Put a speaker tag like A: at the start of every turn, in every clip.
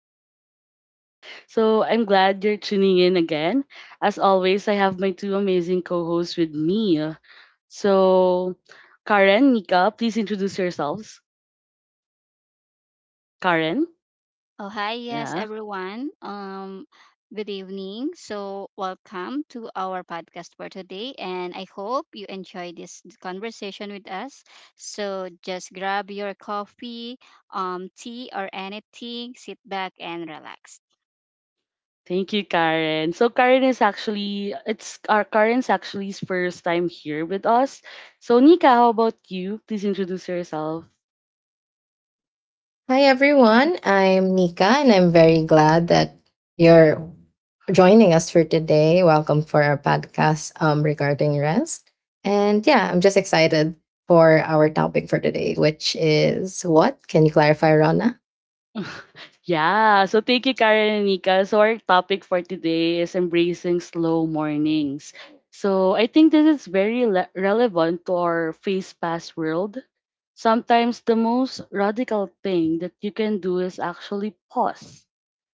A: truly, Rana. So I'm glad you're tuning in again. As always, I have my two amazing co-hosts with me. So Karen, Nika, please introduce yourselves. Karen,
B: Oh, hi, yes,
A: yeah,
B: everyone. Good evening. So, welcome to our podcast for today, and I hope you enjoy this conversation with us. So, just grab your coffee, tea, or anything, sit back and relax.
A: thank you, Karen. So Karen is actually it's our Karen's actually first time here with us. So Nika, how about you? Please introduce yourself.
C: Hi everyone, I'm Nika and I'm very glad that you're joining us for today. Welcome for our podcast regarding rest. And yeah, I'm just excited for our topic for today, which is what? Can you clarify, Rana?
A: Yeah, so thank you, Karen and Nika. So our topic for today is embracing slow mornings. So I think this is very relevant to our face-past world. Sometimes the most radical thing that you can do is actually pause.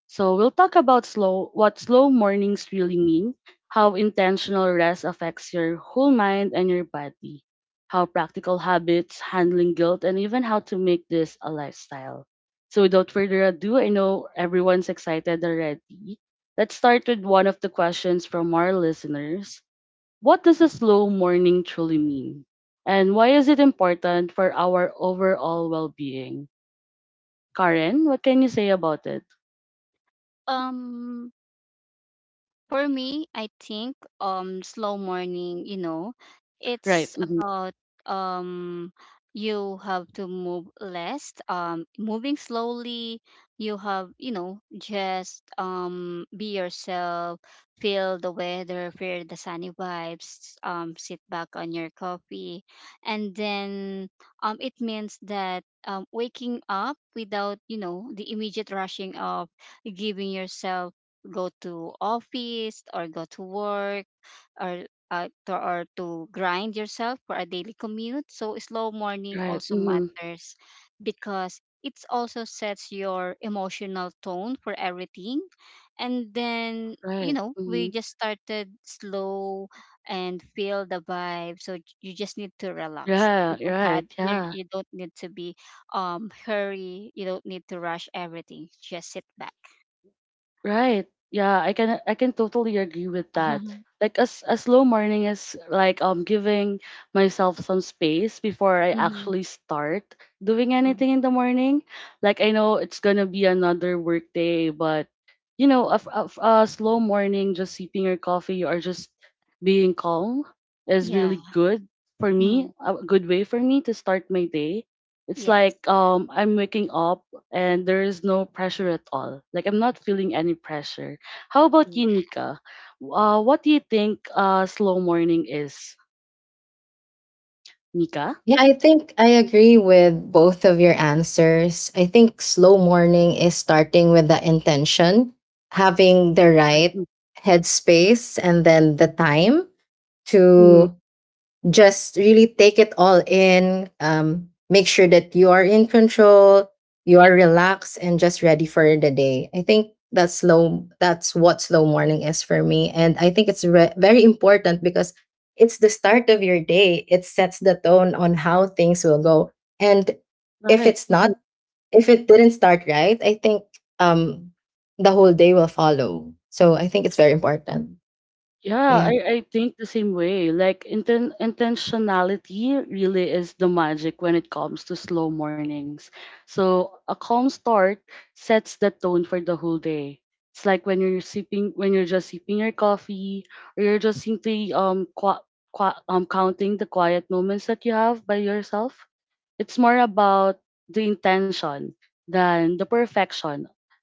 A: So we'll talk about slow what slow mornings really mean, how intentional rest affects your whole mind and your body, how practical habits, handling guilt, and even how to make this a lifestyle. So without further ado, I know everyone's excited already. Let's start with one of the questions from our listeners. What does a slow morning truly mean? And why is it important for our overall well-being? Karen, what can you say about it?
B: Um, For me, I think slow morning, you know,
A: Right.
B: it's
A: Mhm.
B: about um you have to move less, moving slowly, you have, you know, just be yourself, feel the weather, feel the sunny vibes, sit back on your coffee. And then it means that waking up without, you know, the immediate rushing of giving yourself go to office or go to work or or to grind yourself for a daily commute. So slow morning
A: Right.
B: also
A: Mhm.
B: matters because it also sets your emotional tone for everything. And then,
A: Right.
B: we
A: Mhm.
B: just started slow and feel the vibe. So you just need to relax.
A: Yeah,
B: You don't
A: right. Yeah.
B: you don't need to be hurry. You don't need to rush everything. Just sit back.
A: Right. Yeah, I can totally agree with that. Like a slow morning is like giving myself some space before I actually start doing
B: Mhm.
A: anything in the morning. Like I know it's gonna be another work day, but a slow morning, just sipping your coffee or just being calm is
B: Yeah.
A: really good for me.
B: Mhm.
A: A good way for me to start my day. It's
B: Yes.
A: like I'm waking up and there is no pressure at all. Like I'm not feeling any pressure. How about
B: Yeah.
A: you, Nika? What do you think slow morning is, Nika?
C: Yeah, I think I agree with both of your answers. I think slow morning is starting with the intention, having the
A: Like,
C: right
A: mm,
C: headspace and then the time
A: mm,
C: to just really take it all in. Make sure that you are in control, you are relaxed, and just ready for the day. I think that's slow. That's what slow morning is for me, and I think it's very important because it's the start of your day. It sets the tone on how things will go, and if
A: right.
C: it's
A: Mm.
C: not, if it didn't start right, I think um, the whole day will follow. So I think it's very important.
A: Yeah,
C: Yeah,
A: I think the same way. Like intentionality really is the magic when it comes to slow mornings. So a calm start sets the tone for the whole day. It's like when you're just sipping your coffee, or you're just simply qua qua counting the quiet moments that you have by yourself. It's more about the intention than the perfection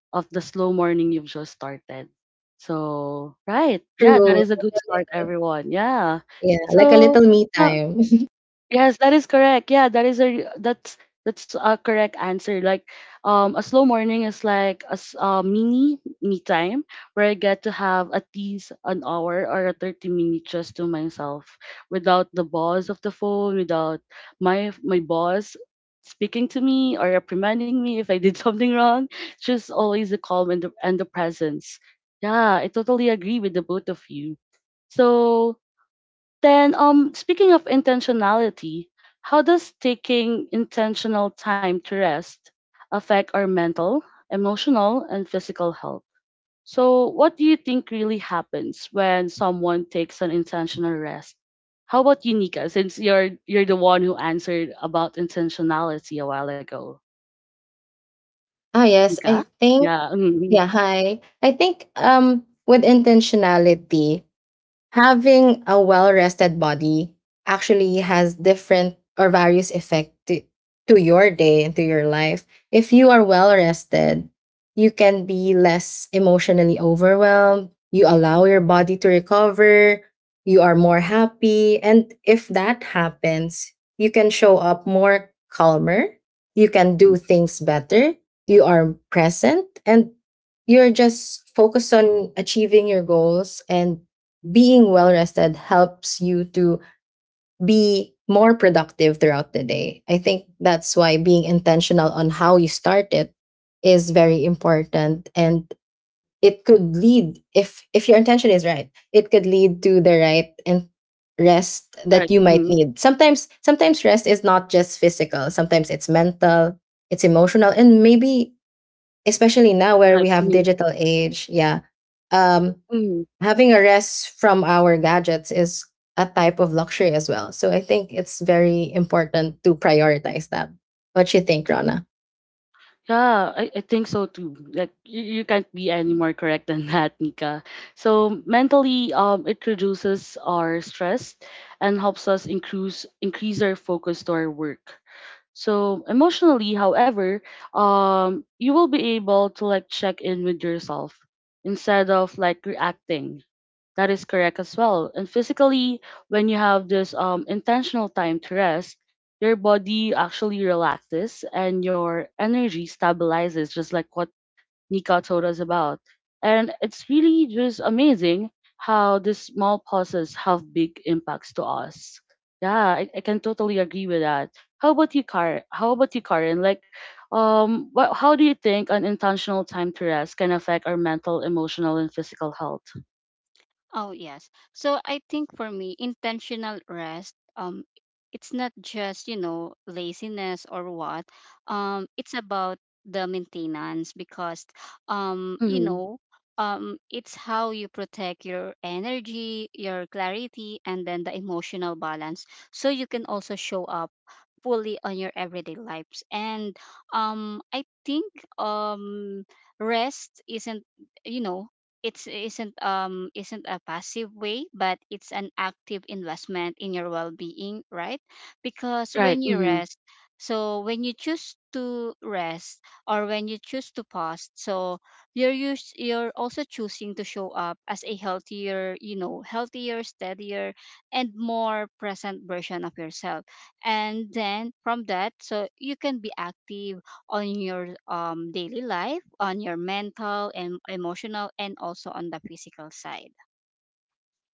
A: of the slow morning you've just started. So, right. Yeah, that
C: true.
A: is a good start, everyone. Yeah.
C: Yeah, like a
A: So,
C: little me
A: now
C: time.
A: Yes, that is correct. Yeah, that's a correct answer. Like, a slow morning is like a mini me time where I get to have at least an hour or a 30 minutes just to myself, without the buzz of the phone, without my boss speaking to me or reprimanding me if I did something wrong. Just always the calm and the presence. Yeah, I totally agree with the both of you. So then, speaking of intentionality, how does taking intentional time to rest affect our mental, emotional, and physical health? So, what do you think really happens when someone takes an intentional rest? How about you, Nika? Since you're the one who answered about intentionality a while ago,
C: Ah, yes.
A: Nika.
C: I think,
A: Yeah. Mm-hmm.
C: yeah. Hi. I think, with intentionality, having a well-rested body actually has different or various effect to your day and to your life. If you are well-rested, you can be less emotionally overwhelmed. You allow your body to recover. You are more happy. And if that happens, you can show up more calmer. You can do things better. You are present and you're just focused on achieving your goals, and being well rested helps you to be more productive throughout the day. I think that's why being intentional on how you start it is very important, and it could lead, if your intention is right, it could lead to the right and rest that
A: Right.
C: you might
A: Mm-hmm.
C: need. Sometimes rest is not just physical, sometimes it's mental, it's emotional, and maybe especially now where
A: Right.
C: we have
A: Mm-hmm.
C: digital age, yeah. Um
A: Mm-hmm.
C: Having a rest from our gadgets is a type of luxury as well. So I think it's very important to prioritize that. What you think, Rana?
A: Yeah, I think so too. Like you can't be any more correct than that, Nika. So mentally, it reduces our stress and helps us increase our focus to our work. So emotionally, however, you will be able to like check in with yourself instead of like reacting, that is correct as well. And physically, when you have this intentional time to rest, your body actually relaxes and your energy stabilizes, just like what Nika told us about. And it's really just amazing how these small pauses have big impacts to us. Yeah, I can totally agree with that. How about you, Karen? Like, how do you think an intentional time to rest can affect our mental, emotional, and physical health?
B: Oh, yes. So I think, for me, intentional rest, it's not just, laziness or what. It's about the maintenance because um, you
A: Mm-hmm.
B: know, it's how you protect your energy, your clarity, and then the emotional balance. So you can also show up fully on your everyday lives. And I think um rest isn't you know it's isn't a passive way, but it's an active investment in your well-being, right? Because when
A: Right.
B: you
A: Mm-hmm.
B: rest, so when you choose to rest or when you choose to pause, so you're also choosing to show up as a healthier, healthier, steadier, and more present version of yourself. And then from that, so you can be active on your daily life, on your mental and emotional, and also on the physical side.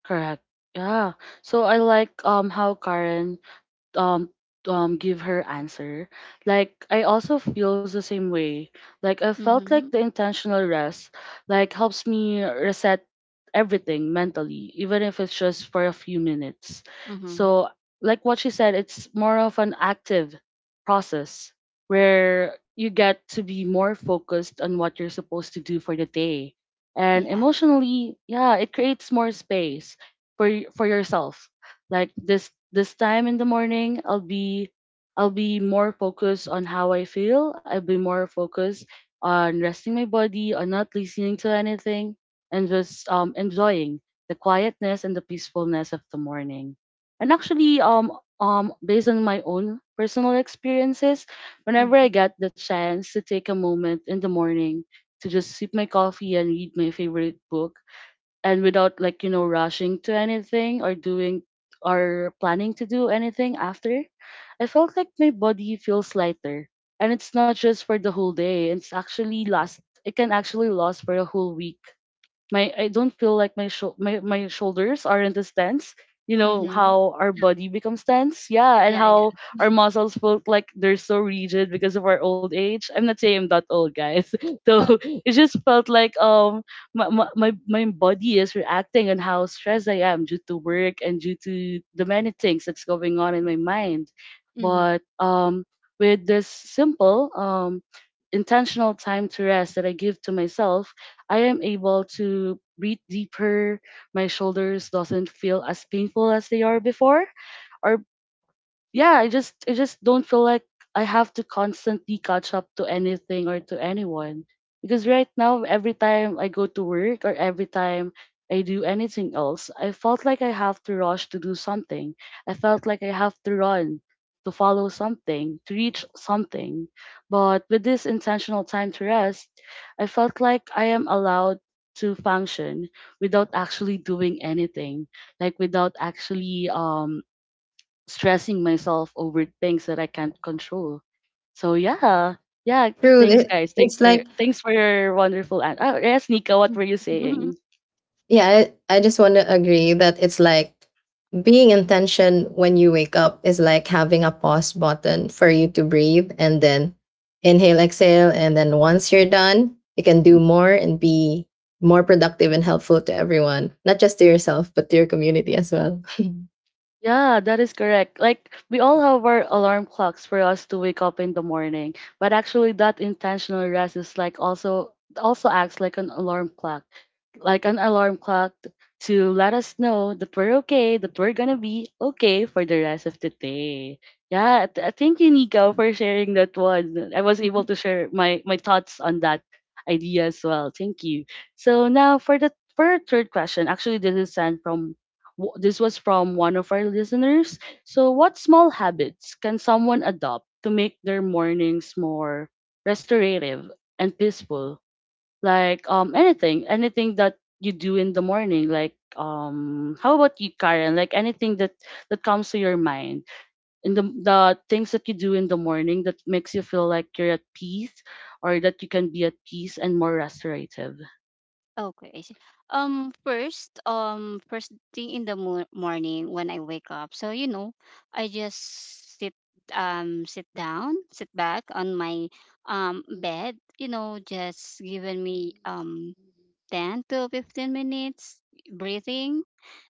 A: Correct. Yeah. So I like how Karen um give her answer. Like, I also feels the same way. Like, I felt like
B: Mm-hmm.
A: the intentional rest like helps me reset everything mentally, even if it's just for a few minutes.
B: Mm-hmm.
A: So like what she said, it's more of an active process where you get to be more focused on what you're supposed to do for the day. And
B: Yeah.
A: emotionally, yeah, it creates more space for yourself. Like, this time in the morning, I'll be more focused on how I feel. I'll be more focused on resting my body, on not listening to anything, and just enjoying the quietness and the peacefulness of the morning. And actually, based on my own personal experiences, whenever
B: Mm-hmm.
A: I get the chance to take a moment in the morning to just sip my coffee and read my favorite book, and without like rushing to anything or doing or planning to do anything after, I felt like my body feels lighter, and it's not just for the whole day, it can actually last for a whole week. My I don't feel like my shoulders aren't as tense. You know
B: Mm-hmm.
A: how our
B: Yeah.
A: body becomes tense, yeah, and
B: Yeah. Yeah.
A: how our muscles felt like they're so rigid because of our old age. I'm not saying I'm that old, guys. So it just felt like my body is reacting on how stressed I am due to work and due to the many things that's going on in my mind. But with this simple intentional time to rest that I give to myself, I am able to breathe deeper. My shoulders doesn't feel as painful as they are before, or yeah, I just don't feel like I have to constantly catch up to anything or to anyone. Because right now, every time I go to work or every time I do anything else, I felt like I have to rush to do something. I felt like I have to run to follow something, to reach something. But with this intentional time to rest, I felt like I am allowed to function without actually doing anything, like without actually stressing myself over things that I can't control. So yeah, yeah.
C: True.
A: Thanks,
C: It,
A: guys. Thanks
C: it's like,
A: for thanks for your wonderful. Oh yes, Nika. What were you
B: Mm-hmm.
A: saying?
C: yeah, I just want to agree that it's like being intention when you wake up is like having a pause button for you to breathe and then inhale, exhale. And then once you're done, you can do more and be more productive and helpful to everyone, not just to yourself, but to your community as well.
A: Yeah, that is correct. Like we all have our alarm clocks for us to wake up in the morning, but actually that intentional rest is like also acts like an alarm clock. Like an alarm clock to let us know that we're okay, that we're gonna be okay for the rest of the day. Yeah, thank you, Nico, for sharing that one. I was able to share my thoughts on that idea as well. Thank you. So now for our third question, actually this is sent from This was from one of our listeners. So, what small habits can someone adopt to make their mornings more restorative and peaceful? Like anything that you do in the morning. Like how about you, Karen? Like anything that comes to your mind in the things that you do in the morning that makes you feel like you're at peace or that you can be at peace and more restorative.
B: Okay, I see. First thing in the morning when I wake up. So, I just sit. Sit down. Sit back on my bed. Just giving me 10 to 15 minutes breathing.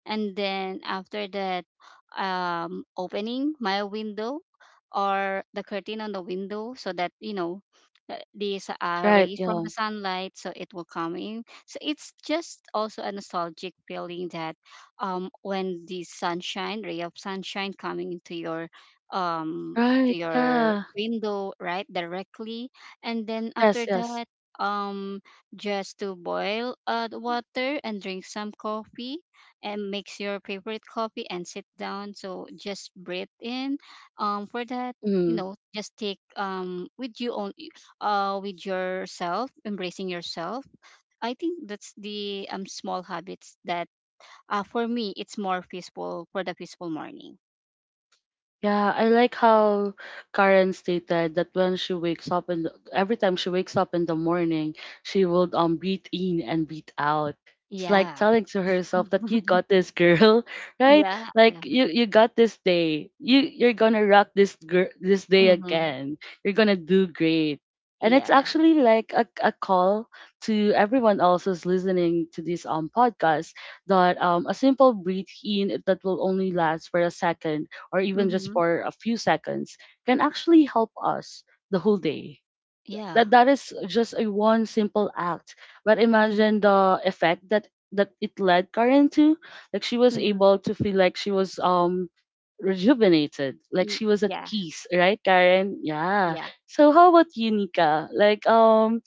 B: And then after that, opening my window or the curtain on the window so that, these,
A: Right.
B: rays from
A: Yeah.
B: the sunlight, so it will come in. So it's just also a nostalgic feeling that, when the sunshine, ray of sunshine coming into your, to
A: Right.
B: your
A: Yeah.
B: window right directly. And then
A: Yes.
B: after
A: Yes.
B: that, um just to boil, the water and drink some coffee and mix your favorite coffee and sit down. So just breathe in. For that,
A: Mm-hmm.
B: just take, with you, on with yourself, embracing yourself. I think that's the small habits that, for me, it's more peaceful for the peaceful morning.
A: Yeah, I like how Karen stated that when she wakes up and every time she wakes up in the morning, she would breathe in and breathe out. It's like
B: Yeah.
A: telling to herself that you got this girl, right?
B: Yeah.
A: Like
B: Yeah.
A: you got this day. You're gonna rock this girl this day
B: Mhm.
A: again. You're gonna do great. And it's
B: Yeah.
A: actually like a call to everyone else who's listening to this podcast, that a simple breathe in that will only last for a second or even just
B: Mhm.
A: for a few seconds can actually help us the whole day.
B: Yeah.
A: That is just a one simple act, but
B: Mhm.
A: imagine the effect that it led Karen to. Like she was
B: Mhm.
A: able to feel like she was rejuvenated, like she was at
B: Yeah.
A: peace, right, Karen? Yeah.
B: Yeah.
A: So how about you, Nika? Like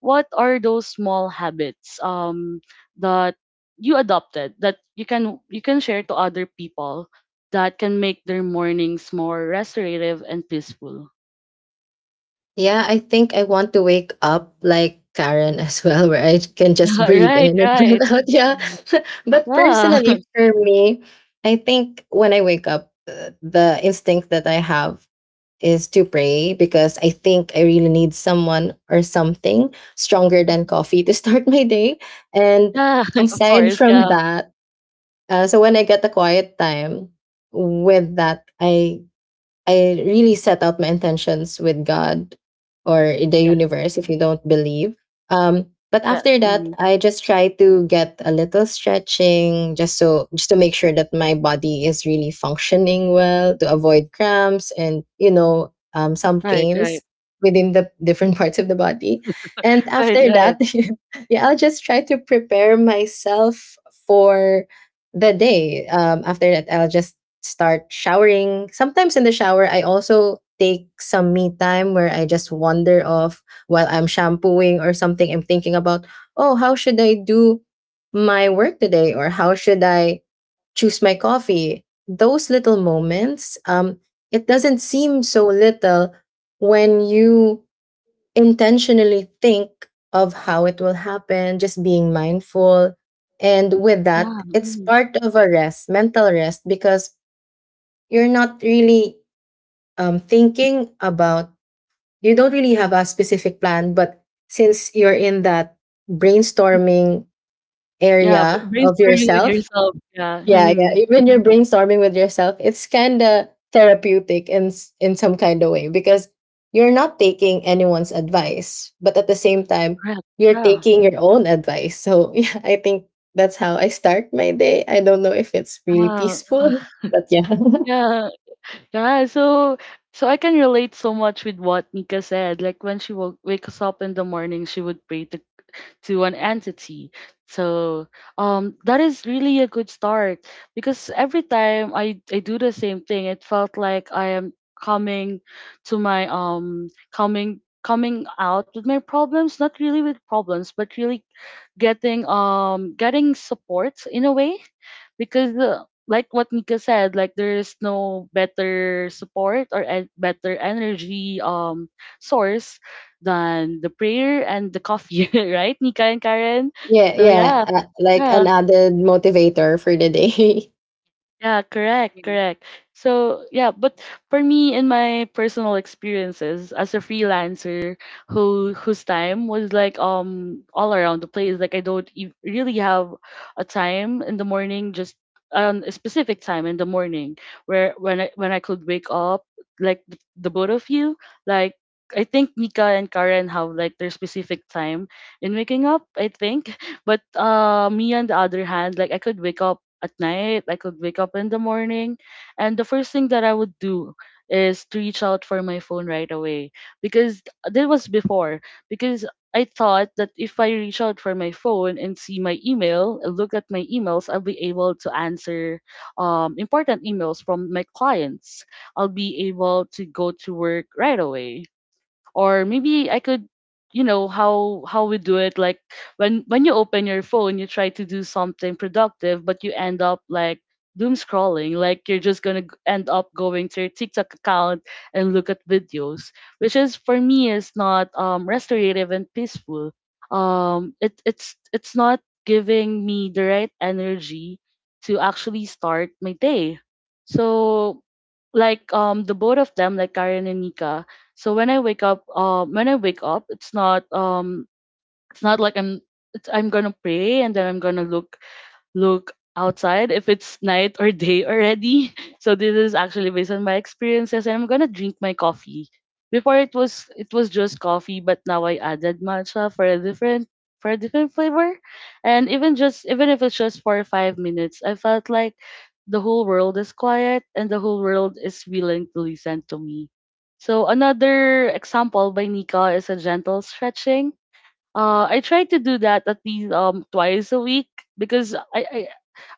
A: what are those small habits that you adopted that you can share to other people that can make their mornings more restorative and peaceful.
C: Yeah, I think I want to wake up like Karen as well, where I can just
B: Mhm.
A: Yeah,
C: breathe in
A: right,
C: and breathe
A: right.
C: out. Yeah.
A: Mhm.
C: But
A: Yeah.
C: personally, for me, I think when I wake up, the instinct that I have is to pray because I think I really need someone or something stronger than
B: Mhm.
C: coffee to start my day. And
A: Yeah. Of
C: aside
A: course.
B: Yeah.
C: from
A: Yeah.
C: that, so when I get a quiet time, with that, I really set out my intentions with God or in the
A: Yes.
C: universe if
A: Mhm.
C: you don't believe. But
A: Yes.
C: after that,
A: Hmm.
C: I just try to get a little stretching just to make sure that my body is really functioning well to avoid cramps and some
A: Right, right.
C: pains within the different parts of the body. And
A: Right,
C: after that,
A: right.
C: yeah, I'll just try to prepare myself for the day. After that, I'll just start showering. Sometimes in the shower, I also take some me time where I just wander off while I'm shampooing or something. I'm thinking about, oh, how should I do my work today? Or how should I choose my coffee? Those little moments, it doesn't seem so little when you intentionally think of how it will happen, just being mindful. And with
A: Yeah.
C: that, it's
A: Mhm.
C: part of a rest, mental rest, because you're not really thinking about, you don't really have a specific plan, but since you're in that brainstorming
A: Yeah,
C: area of
A: brainstorming with
C: yourself.
A: yourself, yeah.
C: Yeah, yeah,
A: Mm-hmm.
C: even you're brainstorming with yourself, it's kind of therapeutic in some kind of way, because you're not taking anyone's advice, but at the same time
A: Correct.
C: you're
A: Yeah.
C: taking your own advice. So yeah, I think that's how I start my day. I don't know if it's really
A: Yeah.
C: peaceful, but yeah.
A: Yeah. Yeah, so I can relate so much with what Nika said. Like when she woke wakes up in the morning, she would pray to an entity. So that is really a good start because every time I do the same thing, it felt like I am coming to my coming coming out with my problems, not really with problems, but really getting getting support in a way because like what Nika said, like there's no better support or better energy source than the prayer and the coffee right, Nika and Karen?
C: Yeah,
A: So yeah.
C: yeah, like an
A: Yeah.
C: added motivator for the day.
A: Yeah, correct,
B: Mhm.
A: correct. So, yeah, but for me, in my personal experiences as a freelancer whose time was like all around the place, like I don't really have a time in the morning, just a specific time in the morning where when I could wake up, like the both of you, like I think Nika and Karen have like their specific time in waking up, I think. But me on the other hand, like I could wake up at night, I could wake up in the morning, and the first thing that I would do is to reach out for my phone right away because that was before, because I thought that if I reach out for my phone and see my email, look at my emails, I'll be able to answer important emails from my clients. I'll be able to go to work right away, or maybe I could, you know, how we do it, like when you open your phone you try to do something productive but you end up like doom scrolling, like you're just going to end up going to your TikTok account and look at videos, which is for me is not restorative and peaceful. It's not giving me the right energy to actually start my day. So like the both of them, like Karen and Nika, so when I wake up, when I wake up, it's not like I'm, it's, I'm gonna pray and then I'm gonna look outside if it's night or day already. So this is actually based on my experiences, and I'm gonna drink my coffee. Before it was just coffee, but now I added matcha for a different, for a different flavor. And even just even if it's just for 5 minutes, I felt like the whole world is quiet and the whole world is willing to listen to me. So another example by Nika is a gentle stretching. I try to do that at least twice a week, because I,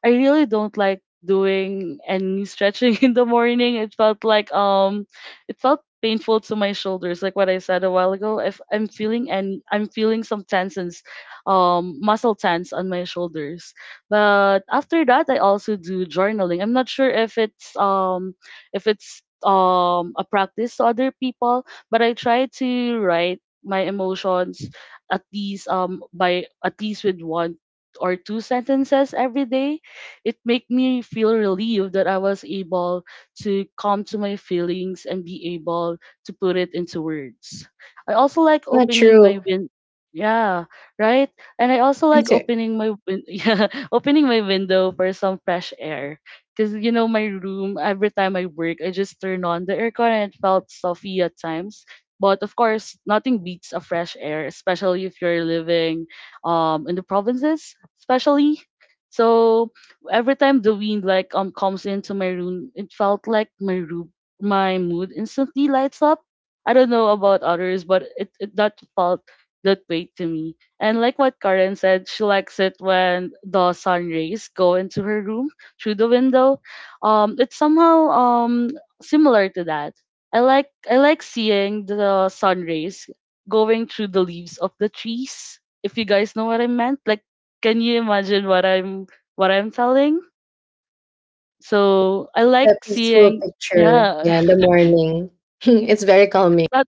A: I really don't like doing any stretching in the morning. It felt like it felt painful to my shoulders, like what I said a while ago. If I'm feeling some tensions, muscle tense on my shoulders. But after that, I also do journaling. I'm not sure if it's a practice to other people, but I try to write my emotions at least by at least with one or two sentences every day. It made me feel relieved that I was able to come to my feelings and be able to put it into words. I also like
C: Not
A: opening my
C: true.
A: win. Yeah, right? And I also like
C: It's a,
A: opening my yeah, opening my window for some fresh air. Cause you know my room, every time I work, I just turn on the aircon and it felt stuffy at times. But of course, nothing beats a fresh air, especially if you're living in the provinces, especially. So every time the wind like comes into my room, it felt like my room, my mood instantly lights up. I don't know about others, but it that felt that way to me. And like what Karen said, she likes it when the sun rays go into her room through the window. It's somehow similar to that. I like, I like seeing the sun rays going through the leaves of the trees. If you guys know what I meant, like can you imagine what I'm selling. So I
C: it's a
A: like
C: peaceful
A: seeing,
C: picture.
A: yeah,
C: Yeah, in the morning, it's very calming.
A: not,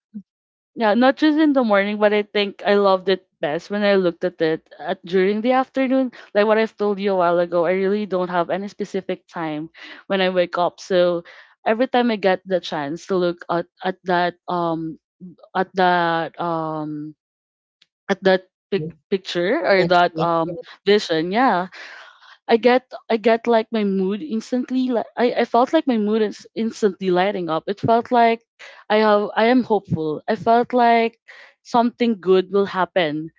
A: yeah, not just in the morning, but I think I loved it best when I looked at it at, during the afternoon. Like what I've told you a while ago, I really don't have any specific time when I wake up. So every time I get the chance to look at that at that um at that picture, or that
C: Actually,
A: vision, yeah, I get like my mood instantly, like I felt like my mood is instantly lighting up. It felt like I am hopeful. I felt like something good will happen.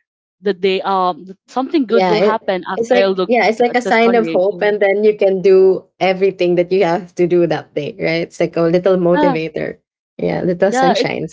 A: The day Something good
C: yeah,
A: will
C: it,
A: happen
C: it's
A: after I
C: like,
A: look
C: yeah, it's like a
A: at the
C: sign of
A: sunrise, you
C: hope,
A: know.
C: and then you can do everything that you have to do that day, right? It's like a little
A: Yeah,
C: motivator. Yeah, little
A: yeah. It.
C: sunshine.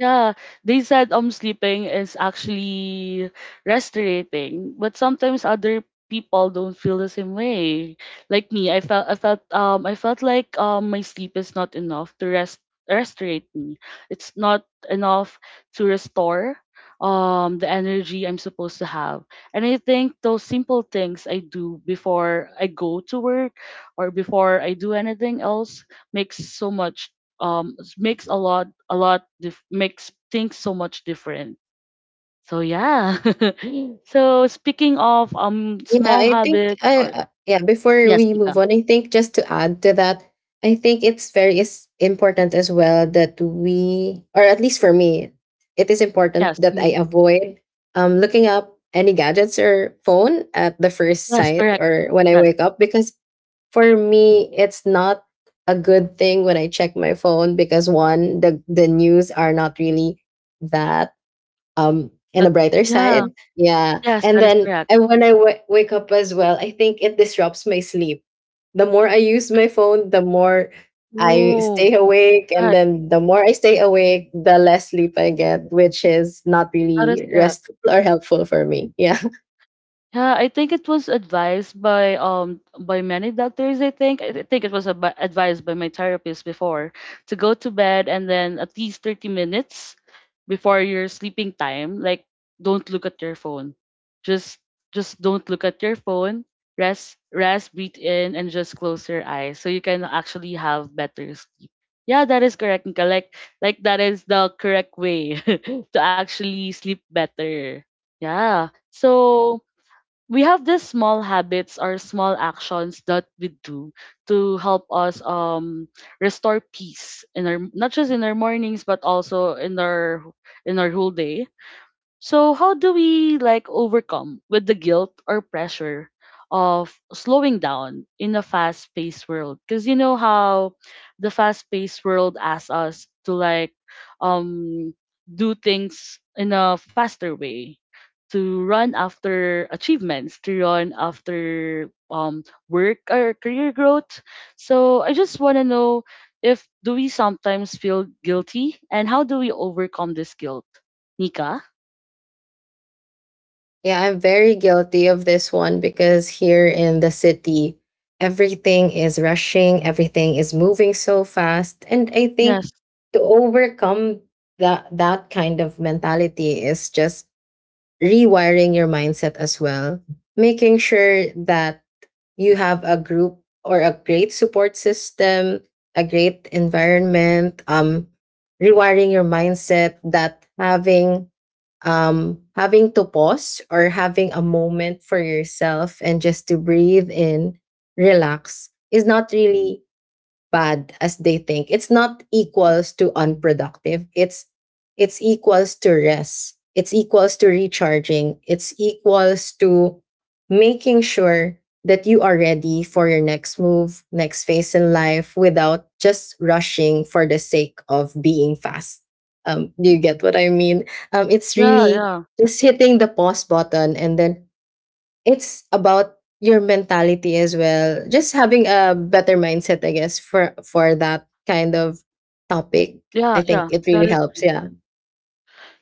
A: Yeah, they said sleeping is actually restorating, but sometimes other people don't feel the same way. Like me, I felt like my sleep is not enough to rest, restorate me. It's not enough to restore the energy I'm supposed to have. And I think those simple things I do before I go to work or before I do anything else makes so much makes a makes things so much different. So yeah. So speaking of
C: Yeah,
A: small
C: I think
A: habits
C: I
A: or,
C: yeah, before
A: yes,
C: we
A: Nika.
C: move on, I think just to add to that, I think it's very is important as well that we, or at least for me, it is important
A: Yes.
C: that I
A: Mhm.
C: avoid looking up any gadgets or phone at the first
A: Yes,
C: sight
A: correct.
C: or when I
A: Yes.
C: wake up, because for me it's not a good thing when I check my phone because one, the news are not really that in a
A: That,
C: brighter
A: yeah,
C: side. Yeah.
A: yes,
C: And
A: that is
C: then,
A: correct.
C: and when I wake up as well, I think it disrupts my sleep. The more I use my phone, the more I
A: Oh,
C: stay awake, and
A: right.
C: then the more I stay awake, the less sleep I get, which is not
A: That is
C: really
A: correct.
C: restful or helpful for me. Yeah.
A: Yeah, I think it was advised by many doctors. I think, it was advised by my therapist before to go to bed, and then at least 30 minutes before your sleeping time, like don't look at your phone. Just just don't look at your phone. Rest, rest, breathe in, and just close your eyes so you can actually have better sleep. Yeah, that is correct, Nika. Like that is the correct way to actually sleep better. Yeah. So we have these small habits or small actions that we do to help us restore peace in our, not just in our mornings but also in our whole day. So how do we like overcome with the guilt or pressure of slowing down in a fast-paced world? Because you know how the fast-paced world asks us to like um do things in a faster way, to run after achievements, to run after work or career growth. So I just want to know if, do we sometimes feel guilty, and how do we overcome this guilt? Nika?
C: Yeah, I'm very guilty of this one because here in the city, everything is rushing, everything is moving so fast. And I think
A: Yes.
C: to overcome that that kind of mentality is just rewiring your mindset as well, making sure that you have a group or a great support system, a great environment, rewiring your mindset that having to pause or having a moment for yourself and just to breathe in, relax is not really bad as they think. It's not equals to unproductive, it's equals to rest, it's equals to recharging, it's equals to making sure that you are ready for your next move, next phase in life, without just rushing for the sake of being fast. Do you get what I mean? It's
A: Yeah,
C: really
A: yeah.
C: just hitting the pause button, and then it's about your mentality as well. Just having a better mindset, I guess, for that kind of topic.
A: Yeah,
C: I think
A: yeah.
C: it
A: That
C: really
A: is
C: helps.
A: true.
C: Yeah.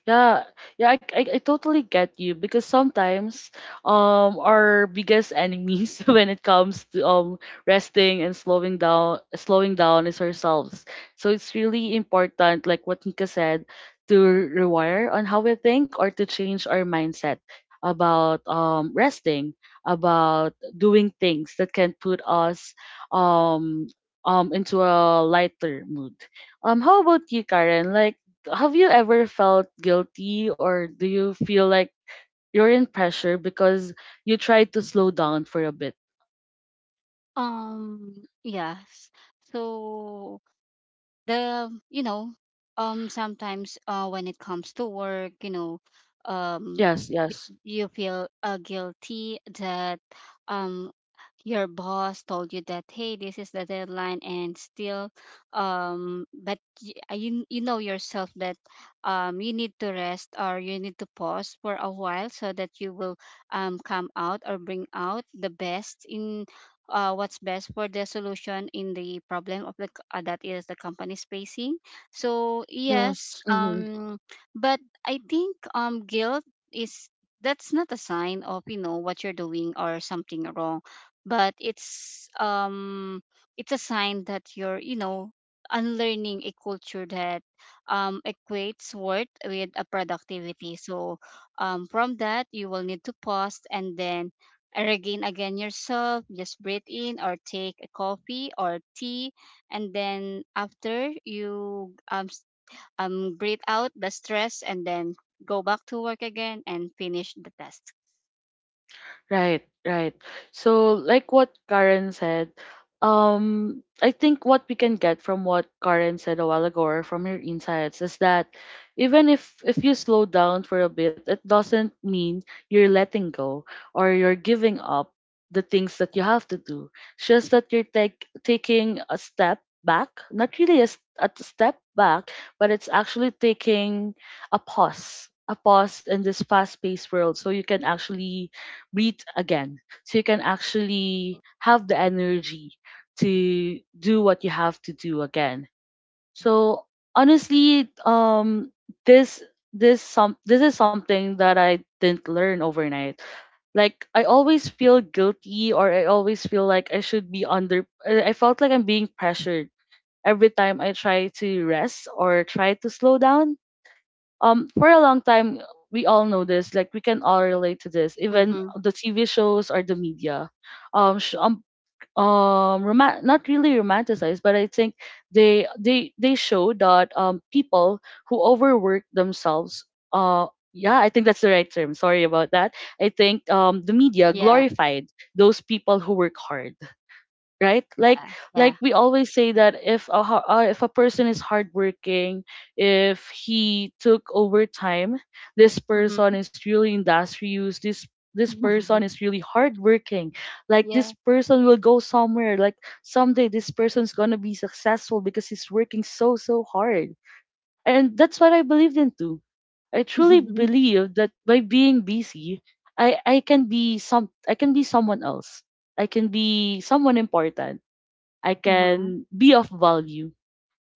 A: Yeah, yeah, I totally get you, because sometimes our biggest enemies when it comes to resting and slowing down is ourselves. So it's really important, like what Nika said, to rewire on how we think or to change our mindset about resting, about doing things that can put us um into a lighter mood. How about you, Karen? Like have you ever felt guilty, or do you feel like you're in pressure because you tried to slow down for a bit?
B: Yes. So, the you know, sometimes, when it comes to work, um
A: Yes,
B: y-
A: yes,
B: you feel, guilty that, um your boss told you that, hey, this is the deadline, and still, but, you know yourself that, you need to rest or you need to pause for a while so that you will, come out or bring out the best in, what's best for the solution in the problem of the, that is the company's facing. So, yes,
A: yes.
B: but I think, guilt is that's not a sign of, what you're doing or something wrong, but it's, it's a sign that you're, unlearning a culture that, equates worth with a productivity. So, from that, you will need to pause and then regain again yourself. Just breathe in or take a coffee or tea, and then after you, breathe out the stress, and then go back to work again and finish the task.
A: Right, right. So, like what Karen said, I think what we can get from what Karen said a while ago, or from your insights, is that even if you slow down for a bit, it doesn't mean you're letting go or you're giving up the things that you have to do. It's just that you're take, taking a step back, not really a, a step back, but it's actually taking a pause in this fast-paced world, so you can actually breathe again. So you can actually have the energy to do what you have to do again. So honestly, this this is something that I didn't learn overnight. Like I always feel guilty, or I always feel like I should be under. I felt like I'm being pressured every time I try to rest or try to slow down for a long time. We all know this, like we can all relate to this, even
B: Mm-hmm.
A: the TV shows or the media um sh- um not really romanticized, but I think they show that people who overwork themselves, uh, yeah, I think that's the right term, sorry about that. I think the media
B: Yeah.
A: glorified those people who work hard, right? like
B: Yeah. Yeah.
A: like we always say that if if a person is hardworking, if he took overtime, this
B: Mm-hmm.
A: person is really industrious, this person is really hardworking, like this
B: Yeah.
A: person will go somewhere, like someday this person's gonna be successful because he's working so so hard. And that's what I believed into. I truly believe that by being busy, I can be some I can be someone else, I can be someone important, I
B: Mm-hmm.
A: can be of value.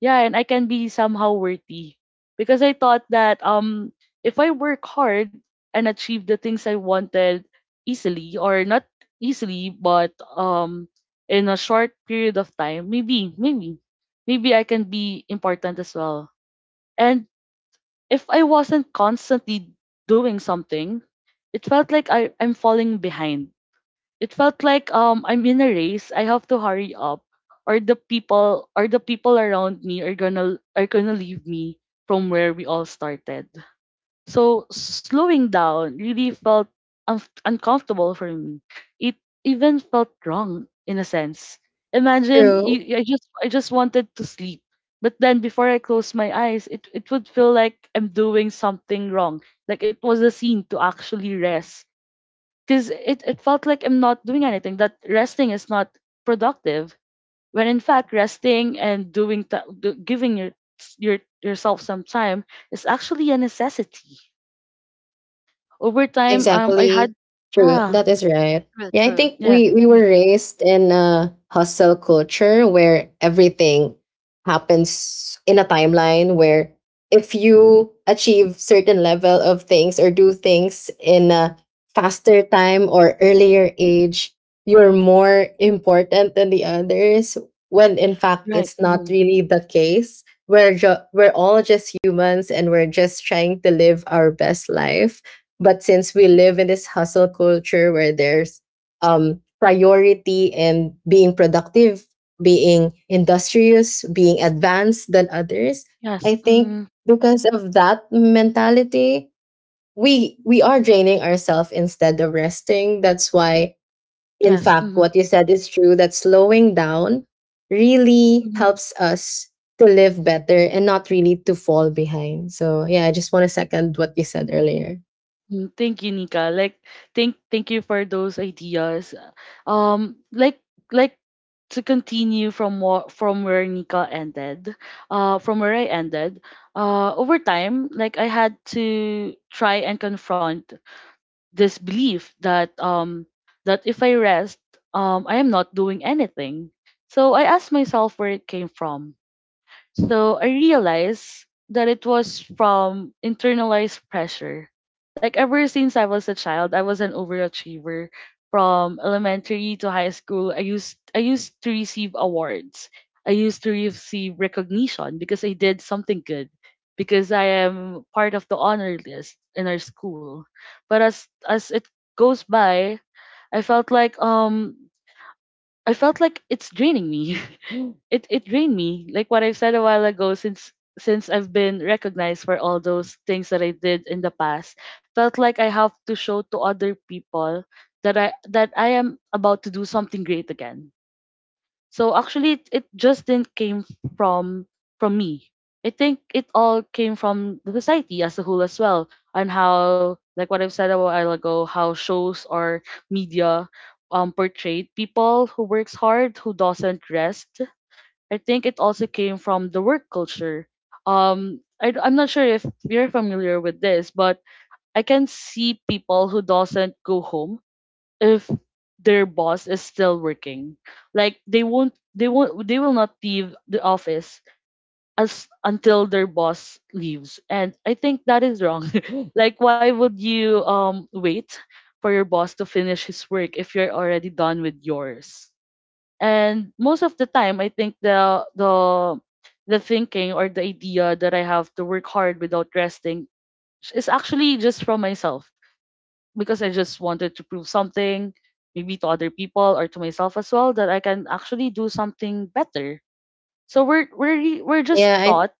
A: Yeah, and I can be somehow worthy. Because I thought that if I work hard and achieve the things I wanted easily or not easily but in a short period of time, maybe I can be important as well. And if I wasn't constantly doing something, it felt like I'm falling behind. It felt like I'm in a race. I have to hurry up, or the people around me are gonna leave me from where we all started. So slowing down really felt uncomfortable for me. It even felt wrong in a sense.
C: True.
A: I just wanted to sleep, but then before I close my eyes, it would feel like I'm doing something wrong. Like it was a scene to actually rest because it felt like I'm not doing anything, that resting is not productive. When in fact, resting and giving yourself some time is actually a necessity. Over time, I had
C: Exactly. True.
A: ah
C: That is right.
B: True,
C: Yeah, I
B: true.
C: think
A: yeah.
C: we were
A: Mm,
C: raised in a hustle culture where everything happens in a timeline where if you achieve certain level of things or do things in a faster time or earlier age, you're more important than the others, when in fact
A: right.
C: it's not
A: Mm,
C: really the case. We're all just humans and we're just trying to live our best life, but since we live in this hustle culture where there's priority and being productive, being industrious, being advanced than others,
A: yes.
C: I think
A: Mm,
C: because of that mentality we are draining ourselves instead of resting. That's why, in
A: yes.
C: fact,
A: Mm.
C: what you said is true, that slowing down really
A: Mm.
C: helps us to live better and not really to fall behind. So yeah, I just want to second what you said earlier.
A: Mm, Thank you, Nika. Like, thank you for those ideas. Um, like like to continue from what from where Nika ended, from where I ended. Over time, like I had to try and confront this belief that if I rest, I am not doing anything. So I asked myself where it came from. So I realized that it was from internalized pressure. Like ever since I was a child, I was an overachiever. From elementary to high school, I used to receive awards. I used to receive recognition because I did something good. Because I am part of the honor list in our school. But as it goes by, I felt like um I felt like it's draining me. It it drained me. Like what I've said a while ago, since I've been recognized for all those things that I did in the past, felt like I have to show to other people that I am about to do something great again. So actually, it just didn't came from from me. I think it all came from the society as a whole as well, and how, like what I've said a while ago, how shows or media portrayed people who works hard, who doesn't rest. I think it also came from the work culture. I'm not sure if you're familiar with this, but I can see people who doesn't go home if their boss is still working. Like they will not leave the office as until their boss leaves. And I think that is wrong. Like why would you wait for your boss to finish his work if you're already done with yours? And most of the time, I think the thinking or the idea that I have to work hard without resting is actually just from myself, because I just wanted to prove something, maybe to other people or to myself as well, that I can actually do something better. So we're just
C: yeah, I
A: taught.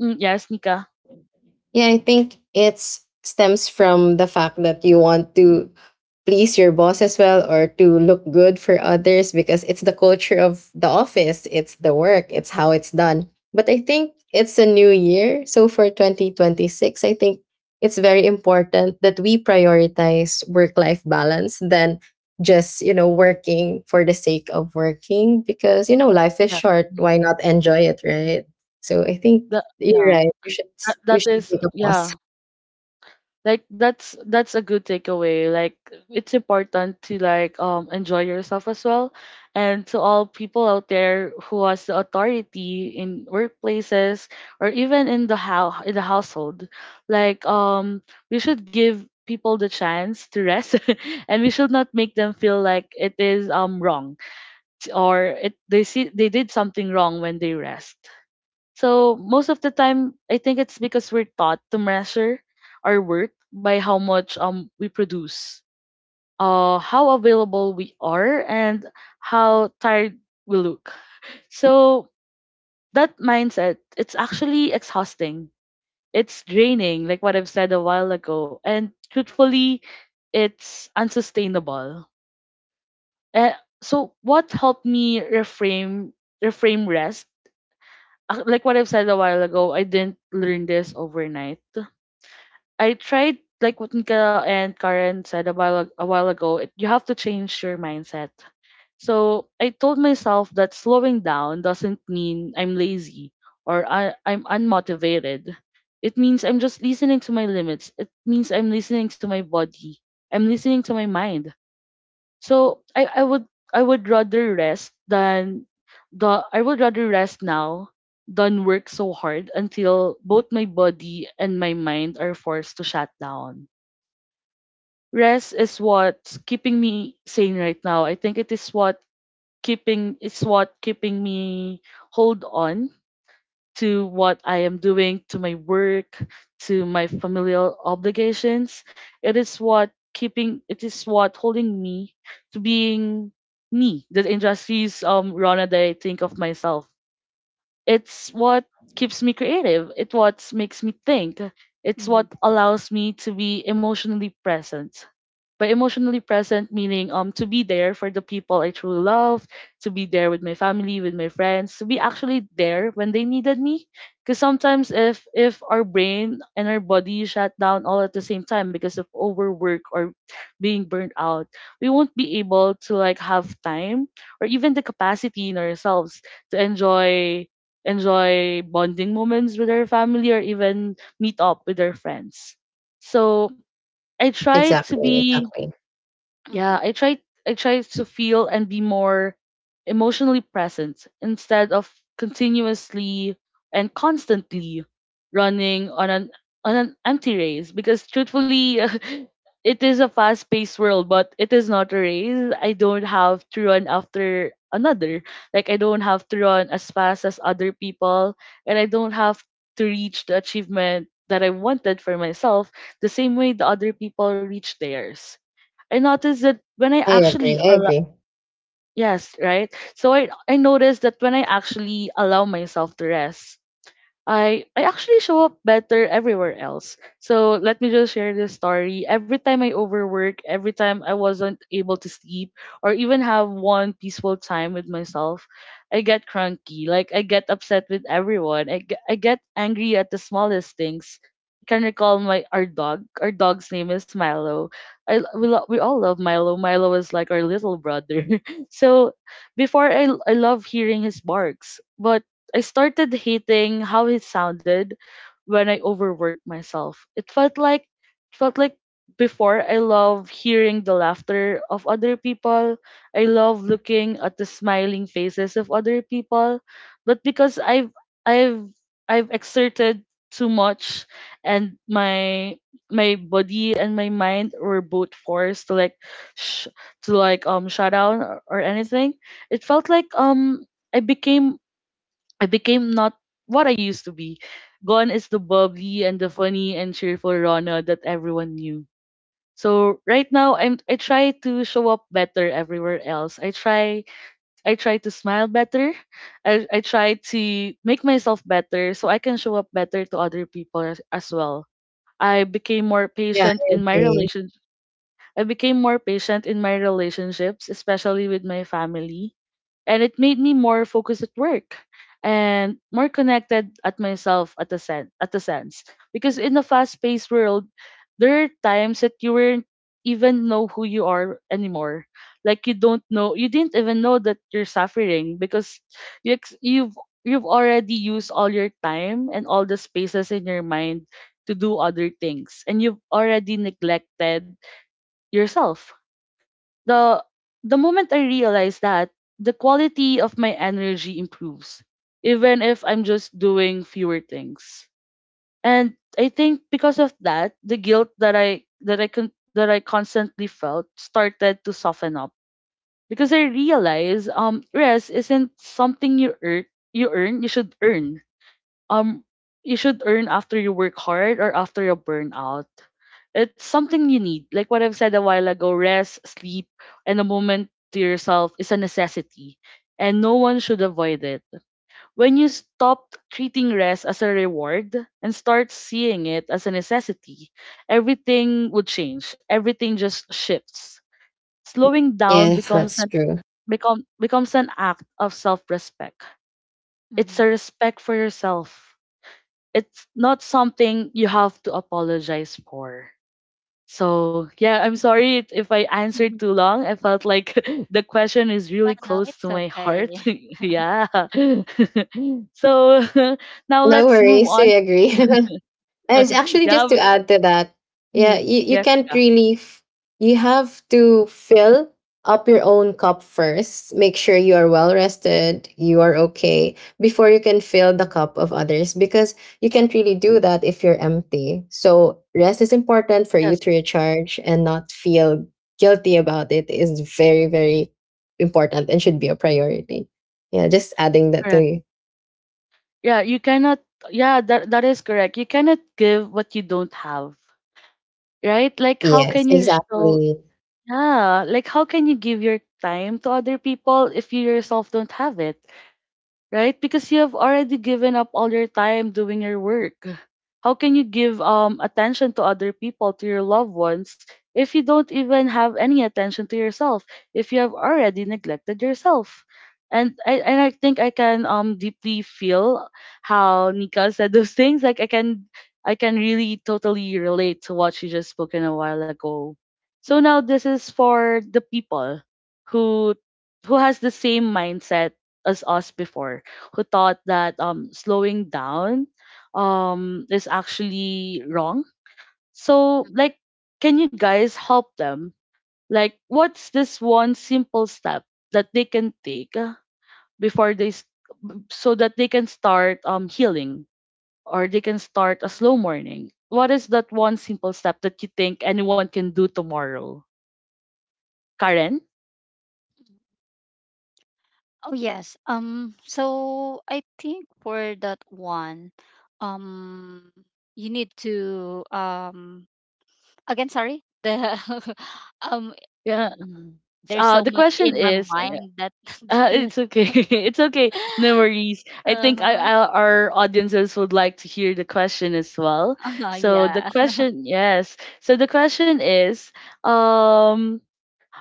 A: Mm, yes, Nika.
C: Yeah, I think it stems from the fact that you want to please your boss as well, or to look good for others, because it's the culture of the office, it's the work, it's how it's done. But I think it's a new year. So for 2026, I think it's very important that we prioritize work-life balance than just, working for the sake of working, because, life is
A: Yes.
C: short,
A: Mm.
C: why not enjoy it, right? So I think
A: That,
C: you're
A: yeah.
C: right. We should we
A: That
C: should
A: is,
C: take a pause.
A: yeah. Like that's a good takeaway. Like it's important to, like, enjoy yourself as well, and to all people out there who has the authority in workplaces or even in the household, like um we should give people the chance to rest. And we should not make them feel like it is wrong, or it they see they did something wrong when they rest. So most of the time, I think it's because we're taught to measure our worth by how much we produce, how available we are, and how tired we look. So that mindset, it's actually exhausting. It's draining, like what I've said a while ago, and truthfully, it's unsustainable. Eh, so what helped me reframe rest? Like what I've said a while ago, I didn't learn this overnight. I tried, like what Nika and Karen said a while ago. You have to change your mindset. So I told myself that slowing down doesn't mean I'm lazy or I'm unmotivated. It means I'm just listening to my limits. It means I'm listening to my body. I'm listening to my mind. So I would I would rather rest than the I would rather rest now than work so hard until both my body and my mind are forced to shut down. Rest is what's keeping me sane right now. I think it's what keeping me, hold on, to what I am doing, to my work, to my familial obligations. It is what holding me to being me. The industries Rona that I think of myself, it's what keeps me creative, it what makes me think, it's
B: Mm-hmm.
A: what allows me to be emotionally present, by emotionally present meaning to be there for the people I truly love, to be there with my family, with my friends, to be actually there when they needed me, because sometimes if our brain and our body shut down all at the same time because of overwork or being burned out, we won't be able to like have time or even the capacity in ourselves to enjoy bonding moments with their family or even meet up with their friends. So I try to
C: Exactly,
A: be,
C: exactly.
B: Mm-hmm.
A: yeah. I tried to feel and be more emotionally present instead of continuously and constantly running on an empty race, because truthfully, it is a fast paced world, but it is not a race. I don't have to run after another. Like I don't have to run as fast as other people, and I don't have to reach the achievement that I wanted for myself the same way the other people reach theirs. I noticed that when I
C: I agree,
A: actually
C: I
A: allow —
C: agree.
A: yes, right. So I noticed that when I actually allow myself to rest, I actually show up better everywhere else. So let me just share this story. Every time I overwork, every time I wasn't able to sleep or even have one peaceful time with myself, I get cranky. Like I get upset with everyone. I get angry at the smallest things. I can recall my our dog. Our dog's name is Milo. We all love Milo. Milo is like our little brother. So before I love hearing his barks, but I started hating how it sounded when I overworked myself. It felt like before I love hearing the laughter of other people. I love looking at the smiling faces of other people. But because I've I've exerted too much, and my body and my mind were both forced sh- to like shut down, or anything. It felt like I became I became not what I used to be. Gone is the bubbly and the funny and cheerful Rona that everyone knew. So right now I try to show up better everywhere else. I try to smile better. I try to make myself better so I can show up better to other people as well. I became more
C: Yeah,
A: patient
C: I
A: in my
C: agree.
A: relation I became more patient in my relationships, especially with my family, and it made me more focused at work and more connected at myself at the sense, because in a fast paced world there are times that you won't even know who you are anymore. Like you didn't even know that you're suffering, because you ex- you've you've already used all your time and all the spaces in your mind to do other things, and you've already neglected yourself. The the moment I realize that, the quality of my energy improves, even if I'm just doing fewer things. And I think because of that, the guilt that I constantly felt started to soften up, because I realized rest isn't something you earn you should earn um you should earn after you work hard or after you burn out. It's something you need. Like what I've said a while ago, rest, sleep, and a moment to yourself is a necessity. And no one should avoid it. When you stop treating rest as a reward and start seeing it as a necessity, everything would change. Everything just shifts. Slowing down
C: Yes, that's true.
A: becomes an act of self-respect. It's a
B: Mm-hmm.
A: respect for yourself. It's not something you have to apologize for. So, yeah, I'm sorry if I answered too long. I felt like, the question is
B: No,
A: really
B: no,
A: close to
B: it's
A: my
B: okay.
A: heart. Yeah. so, now
C: No
A: let's move
C: worries, we
A: on.
C: agree. It's
B: Mhm.
C: actually
A: yeah.
C: just to
A: we-
C: add to that. Yeah, you
A: Yes.
C: can't
A: Yeah.
C: really, you have to fill up your own cup first. Make sure you are well rested, you are okay, before you can fill the cup of others, because you can't really do that if you're empty. So, rest is important for you
A: Yes.
C: to recharge and not feel guilty about it is very, very important and should be a priority. Yeah, just adding that to
A: Correct.
C: you.
A: Yeah. That is correct. You cannot give what you don't have, right? How
C: Yes,
A: can you show,
C: exactly.
A: yeah, like, how can you give your time to other people if you yourself don't have it? Right? Because you have already given up all your time doing your work. How can you give attention to other people, to your loved ones, if you don't even have any attention to yourself, if you have already neglected yourself? And I think I can deeply feel how Nika said those things. Like I can really totally relate to what she just spoken a while ago. So now this is for the people who who has the same mindset as us before who thought that slowing down is actually wrong. So, like, can you guys help them? Like, what's this one simple step that they can take before they, s- so that they can start healing or they can start a slow morning? What is that one simple step that you think anyone can do tomorrow? Karen?
B: Oh, yes. So I think for that one, um you need to, again, sorry. The um
A: Yeah.
B: there's
A: Uh,
B: so
A: the
B: much
A: question
B: in my
A: is,
B: mind that that you
A: It's okay. It's okay. No worries. I think I,
B: uh-huh.
A: I, our audiences would like to hear the question as well.
B: Uh-huh,
A: So the
B: yeah.
A: question, yes. So the question is, um,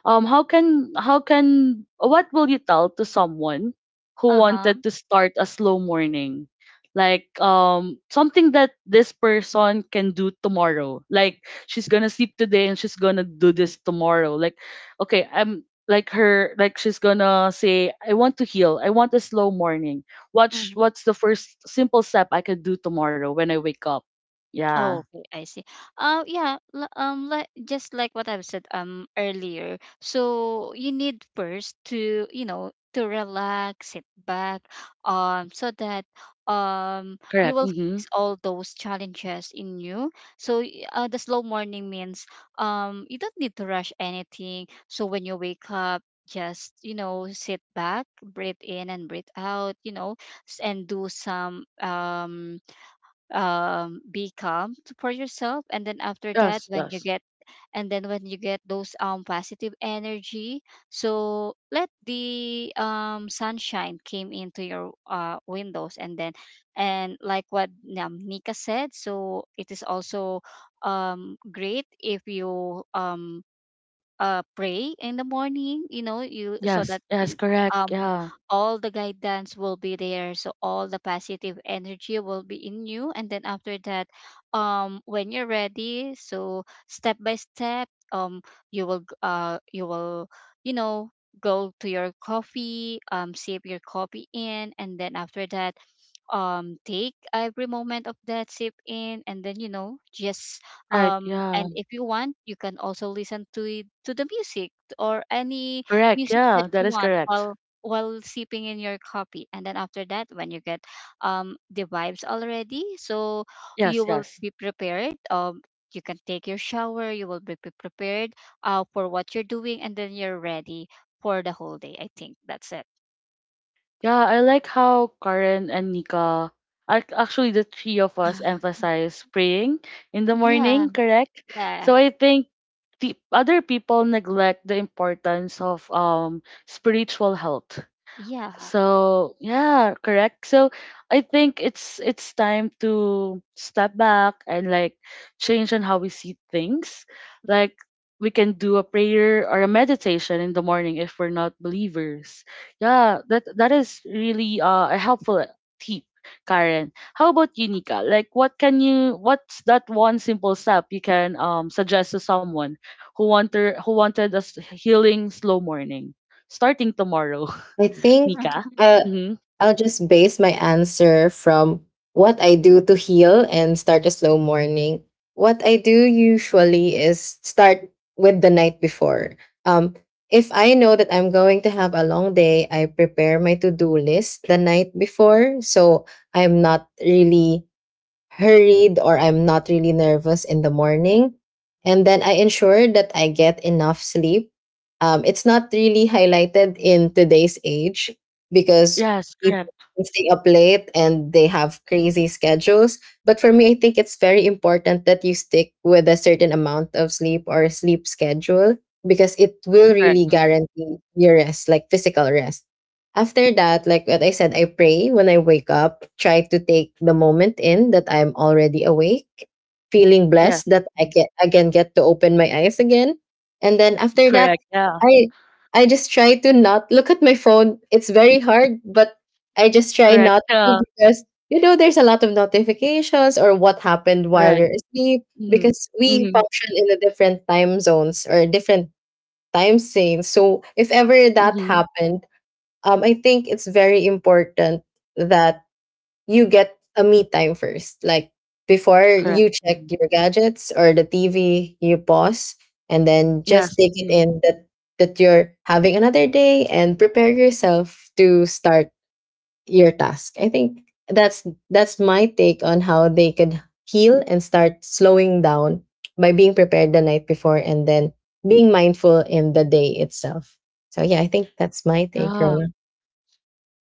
A: how can what will you tell to someone who
B: Uh-huh.
A: wanted to start a slow morning like something that this person can do tomorrow, like she's gonna sleep today and she's gonna do this tomorrow, like okay, I'm like her, like she's gonna say I want to heal, I want a slow morning, what's
B: Mm-hmm.
A: what's the first simple step I can do tomorrow when I wake up? Yeah.
B: Oh, okay, I see. Yeah, just like what I've said, earlier. So you need first to, to relax, sit back, so that, um you
A: Correct.
B: will
A: Mm-hmm.
B: face all those challenges in you. So, the slow morning means, you don't need to rush anything. So when you wake up, just, sit back, breathe in, and breathe out. And do some, be calm, for yourself. And then after that,
A: Yes,
B: when you
A: yes.
B: get, and then when you get those, positive energy, so let the, sunshine came into your, windows. And then, and like what, Nika said, so it is also, great if you, pray in the morning, you know you so
A: Yes,
B: that,
A: yes, correct.
B: um
A: Yeah.
B: all the guidance will be there, so all the positive energy will be in you. And then after that, when you're ready, so step by step, you will, you know go to your coffee, sip your coffee in. And then after that, take every moment of that sip in. And then, just,
A: Right. Yeah.
B: and if you want, you can also listen to the music or any
A: Correct.
B: music that
A: Yeah, that
B: you
A: is
B: want
A: correct.
B: while, sipping in your coffee. And then after that, when you get, the vibes already, so
A: Yes,
B: you will
A: yes.
B: be prepared, you can take your shower, you will be, prepared, for what you're doing, and then you're ready for the whole day. I think that's it.
A: Yeah, I like how Karen and actually the three of us emphasize praying in the
B: Yeah.
A: morning, correct?
B: Yeah.
A: So I think the other people neglect the importance of spiritual health.
B: Yeah.
A: So yeah, correct. So I think it's time to step back and like change on how we see things. Like we can do a prayer or a meditation in the morning if we're not believers. Yeah, that that is really a helpful tip, Karen. How about you, Nika? Like what can you, what's that one simple step you can suggest to someone who wanted a healing slow morning starting tomorrow?
C: I think
A: Mika?
C: uh,
A: Mhm.
C: I'll just base my answer from what I do to heal and start a slow morning. What I do usually is start with the night before. Um, if I know that I'm going to have a long day, I prepare my to do list the night before. So I'm not really hurried or I'm not really nervous in the morning. And then I ensure that I get enough sleep. It's not really highlighted in today's age because
A: Yes,
C: people
A: correct,
C: can stay up late and they have crazy schedules. But for me, I think it's very important that you stick with a certain amount of sleep or a sleep schedule because it will
A: correct.
C: really
A: Mm.
C: guarantee your rest, like physical rest. After that, like what I said, I pray when I wake up, try to take the moment in that I'm already awake, feeling
A: Yes.
C: blessed that I
A: Mm.
C: can again get to open my eyes again. And then after that,
A: Correct. Yeah.
C: I I just try to not look at my phone. It's very hard, but I just try
A: Correct.
C: not to
A: Yeah.
C: because you know there's a lot of notifications or what happened while
A: Correct.
C: you're asleep
A: Mhm.
C: because we
A: Mhm.
C: function in a different time zones or different time zones. So if ever that
A: Mhm.
C: happened, I think it's very important that you get a me time first. Like before
B: Mm,
A: Correct.
C: you check
A: Mhm.
C: your gadgets or the TV, you pause and then just
A: Yes.
C: take it
A: Mhm.
C: in that you're having another day and prepare yourself to start your task. I think that's my take on how they could heal and start slowing down by being prepared the night before and then being mindful in the day itself. So yeah, I think that's my take,
A: Yeah.
C: Rona.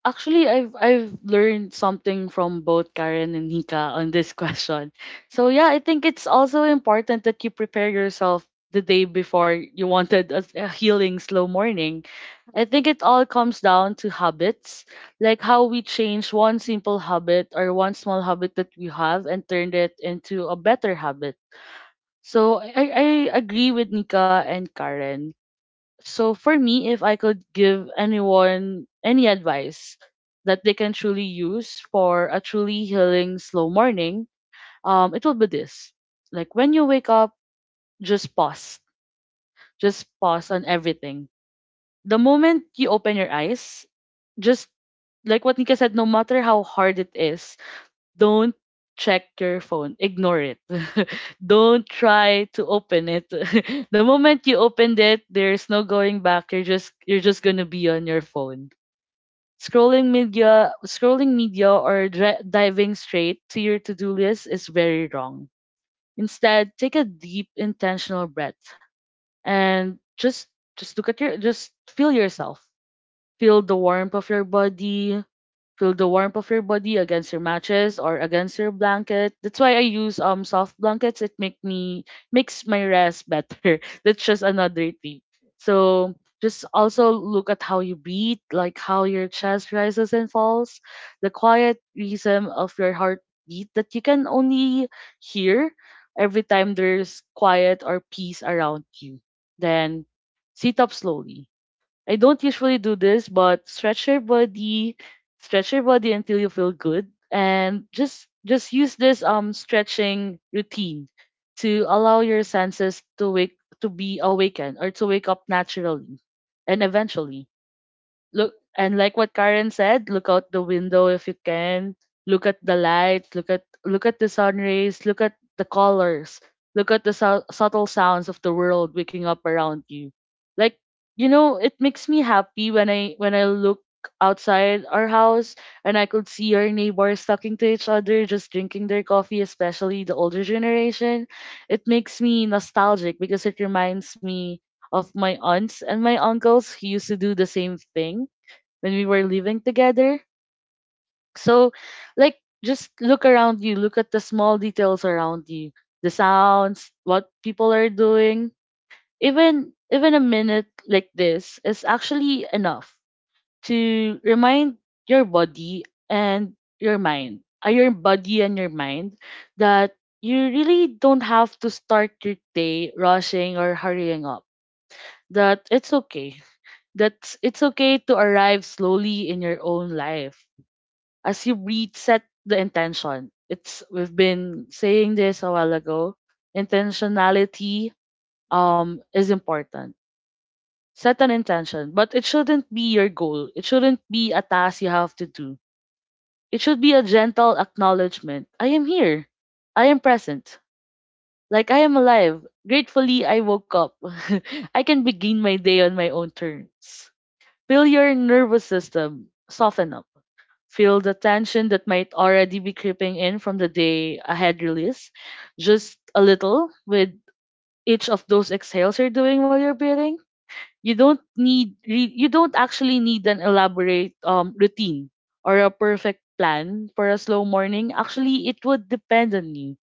A: Actually, I've learned something from both Karen and Nika on this question. So yeah, I think it's also important that you prepare yourself the day before you wanted a healing slow morning. I think it all comes down to habits, like how we change one simple habit or one small habit that we have and turned it into a better habit. So I agree with Nika and Karen. So for me, if I could give anyone any advice that they can truly use for a truly healing slow morning, it will be this. Like when you wake up, just pause. Just pause on everything. The moment you open your eyes, just like what Nika said, no matter how hard it is, don't check your phone. Ignore it. Don't try to open it. The moment you opened it, there's no going back. You're just gonna be on your phone. Scrolling media, or diving straight to your to-do list is very wrong. Instead, take a deep, intentional breath and just look at your, just feel yourself. Feel the warmth of your body, feel the warmth of your body against your matches or against your blanket. That's why I use soft blankets. It makes my rest better. That's just another tip. So just also look at how you breathe, like how your chest rises and falls, the quiet rhythm of your heartbeat that you can only hear every time there's quiet or peace around you. Then sit up slowly. I don't usually do this, but stretch your body until you feel good, and just use this stretching routine to allow your senses to wake, to be awakened or to wake up naturally, and eventually look, and like what Karen said, look out the window if you can. Look at the light, look at the sun rays, look at the colors, look at the subtle sounds of the world waking up around you. Like, you know, it makes me happy when I look outside our house and I could see our neighbors talking to each other, just drinking their coffee, especially the older generation. It makes me nostalgic because it reminds me of my aunts and my uncles who used to do the same thing when we were living together. So, like, just look around you, look at the small details around you, the sounds, what people are doing. Even a minute like this is actually enough to remind your body and your body and your mind, that you really don't have to start your day rushing or hurrying up. That it's okay. That it's okay to arrive slowly in your own life as you reset the intention. It's, we've been saying this a while ago. Intentionality is important. Set an intention, but it shouldn't be your goal. It shouldn't be a task you have to do. It should be a gentle acknowledgement. I am here. I am present. Like I am alive. Gratefully I woke up. I can begin my day on my own terms. Feel your nervous system soften up. Feel the tension that might already be creeping in from the day ahead release. Just a little with each of those exhales you're doing while you're breathing. You don't actually need an elaborate routine or a perfect plan for a slow morning. Actually, it would depend on you.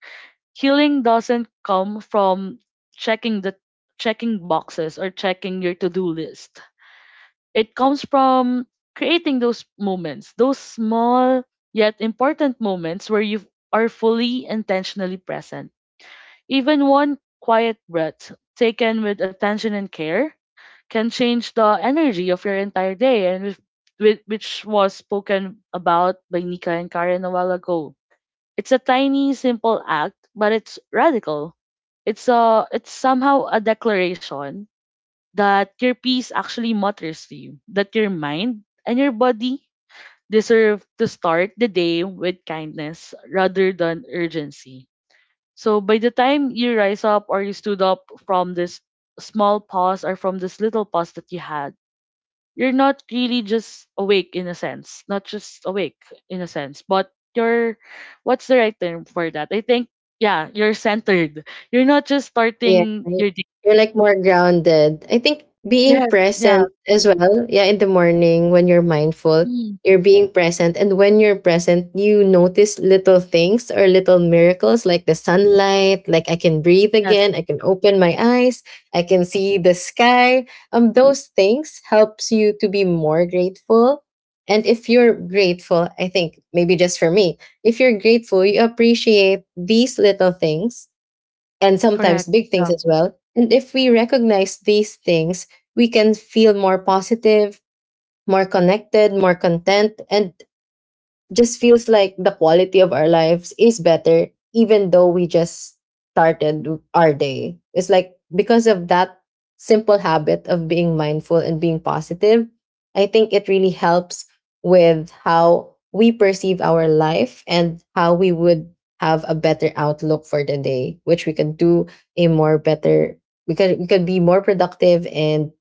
A: Healing doesn't come from checking the checking boxes or checking your to-do list, it comes from creating those moments, those small yet important moments where you are fully intentionally present. Even one quiet breath taken with attention and care can change the energy of your entire day and which was spoken about by Nika and Karen a while ago. It's a tiny simple act, but it's radical. It's somehow a declaration that your peace actually matters to you, that your mind and your body deserve to start the day with kindness rather than urgency. So by the time you rise up or you stood up from this small pause or from this little pause that you had, you're not really just awake in a sense, not just awake in a sense, but you're, what's the right term for that? I think, yeah, you're centered. You're not just
C: Yeah,
A: starting
C: right.
A: your day.
C: You're like more grounded. I think being
A: Yes, yeah.
C: present as well. Yeah, in the morning when you're mindful,
A: Mm,
C: you're being present. And when you're present, you notice little things or little miracles like the sunlight, like I can breathe
A: yes.
C: again, I can open my eyes, I can see the sky. Those things helps you to be more grateful. And
B: yeah.
C: if you're grateful, I think maybe just for me, if you're grateful, you appreciate these little things and sometimes
A: Correct.
C: big things
A: Yeah.
C: as well. And if we recognize these things, we can feel more positive, more connected, more content, and just feels like the quality of our lives is better, even though we just started our day. It's like because of that simple habit of being mindful and being positive, I think it really helps with how we perceive our life and how we would have a better outlook for the day, which we can do a more better, we can be more productive and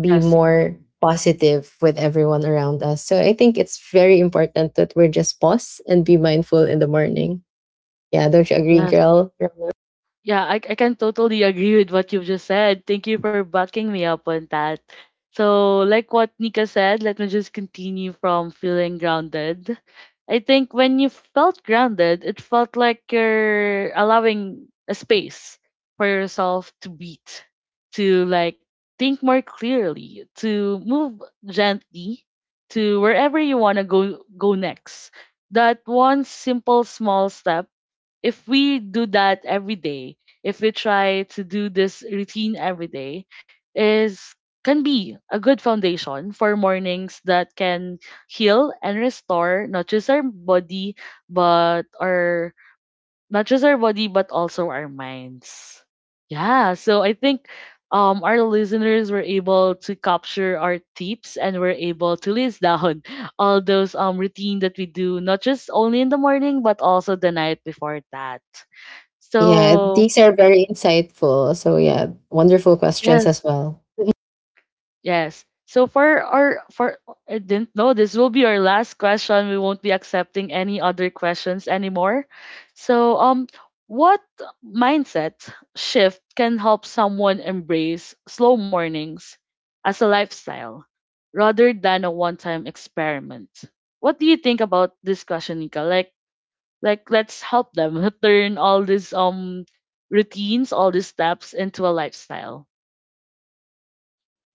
C: be
A: Yes.
C: more positive with everyone around us. So I think it's very important that we're just pause and be mindful in the morning. Yeah, don't you agree,
A: Yes.
C: girl? Rona?
A: Yeah, I can totally agree with what you've just said. Thank you for backing me up on that. So, like what Nika said, let me just continue from feeling grounded. I think when you felt grounded, it felt like you're allowing a space for yourself to breathe, to like think more clearly, to move gently to wherever you want to go next. That one simple small step, if we do that every day, if we try to do this routine every day, is, can be a good foundation for mornings that can heal and restore not just our body but our, not just our body but also our minds. Yeah, so I think our listeners were able to capture our tips and were able to list down all those routine that we do not just only in the morning but also the night before that,
C: Yeah,
A: so
C: these are very insightful. So yeah, wonderful questions
A: yes,
C: as well.
A: yes. So for our for I didn't know this will be our last question. We won't be accepting any other questions anymore. So what mindset shift can help someone embrace slow mornings as a lifestyle rather than a one-time experiment? What do you think about this question, Nika? Like let's help them turn all these routines, all these steps into a lifestyle.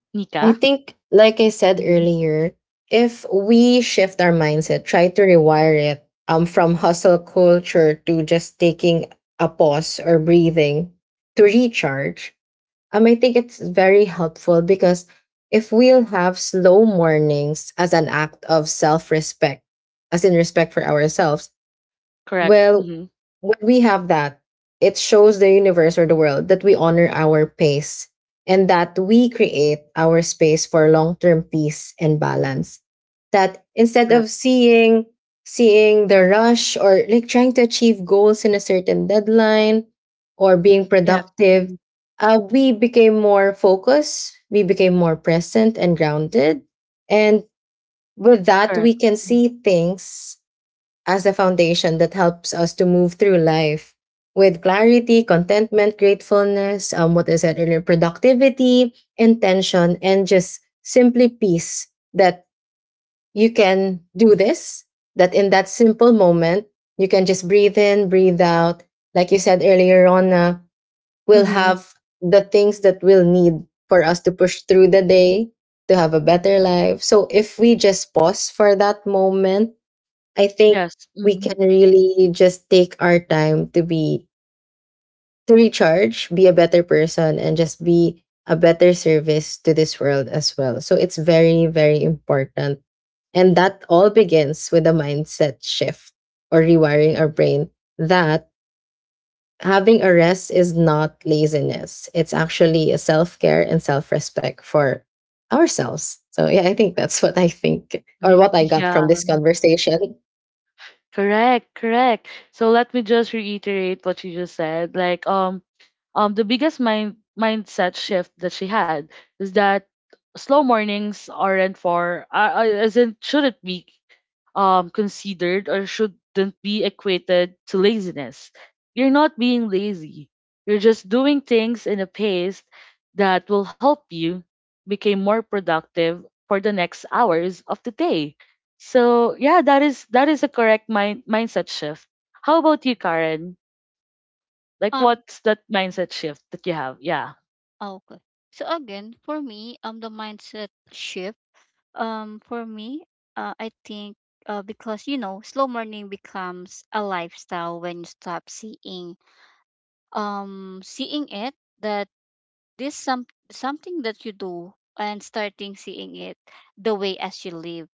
A: Nika?
C: I think, like I said
A: Mhm.
C: earlier, if we shift our mindset, try to rewire it from hustle culture to just taking a pause or breathing to recharge. I think it's very helpful because if we'll have slow mornings as an act of self respect, as in respect for ourselves,
A: Correct.
C: well,
A: Mhm.
C: when we have that, it shows the universe or the world that we honor our pace and that we create our space for long-term peace and balance. That instead of
A: Correct.
C: seeing the rush or like trying to achieve goals in a certain deadline or being
A: Yes.
C: productive,
A: Mhm.
C: we became more focused, we became more present and grounded. And with that, we
A: Correct.
C: can
A: Mhm.
C: see things as a foundation that helps us to move through life with clarity, contentment, gratefulness, what I said earlier, productivity, intention, and just simply peace that you can do this, that in that simple moment, you can just breathe in, breathe out. Like you said earlier on, we'll
A: Mhm.
C: have the things that we'll need for us to push through the day to have a better life. So if we just pause for that moment, I think
A: Yes.
C: we
A: Mhm.
C: can really just take our time to be to recharge, be a better person, and just be a better service to this world as well. So it's very, very important. And that all begins with a mindset shift or rewiring our brain that having a rest is not laziness. It's actually a self care and self respect for ourselves. So, yeah, I think that's what I think or
A: Right.
C: what I got
A: Yeah.
C: from this conversation.
A: Correct. Correct. So let me just reiterate what you just said. Like the biggest mindset shift that she had is that slow mornings aren't for isn't shouldn't be considered or shouldn't be equated to laziness. You're not being lazy. You're just doing things in a pace that will help you become more productive for the next hours of the day. So yeah, that is a correct mindset shift. How about you, Karen? Like
B: Um,
A: what's that mindset shift that you have? Yeah.
B: oh, okay. So again, for me, the mindset shift, for me, I think, because, slow morning becomes a lifestyle when you stop seeing, seeing it that this some something that you do, and starting seeing it the way as you live.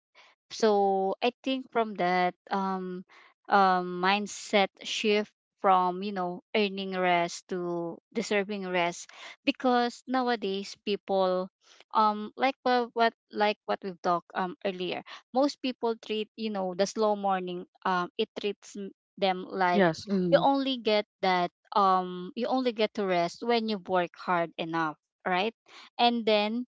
B: So I think from that, mindset shift from, earning rest to deserving rest. Because nowadays, people, like what we've talked, earlier, most people treat, the slow morning, it treats, them like,
A: Yes. Mm.
B: you only get to rest when you work hard enough, right? And then,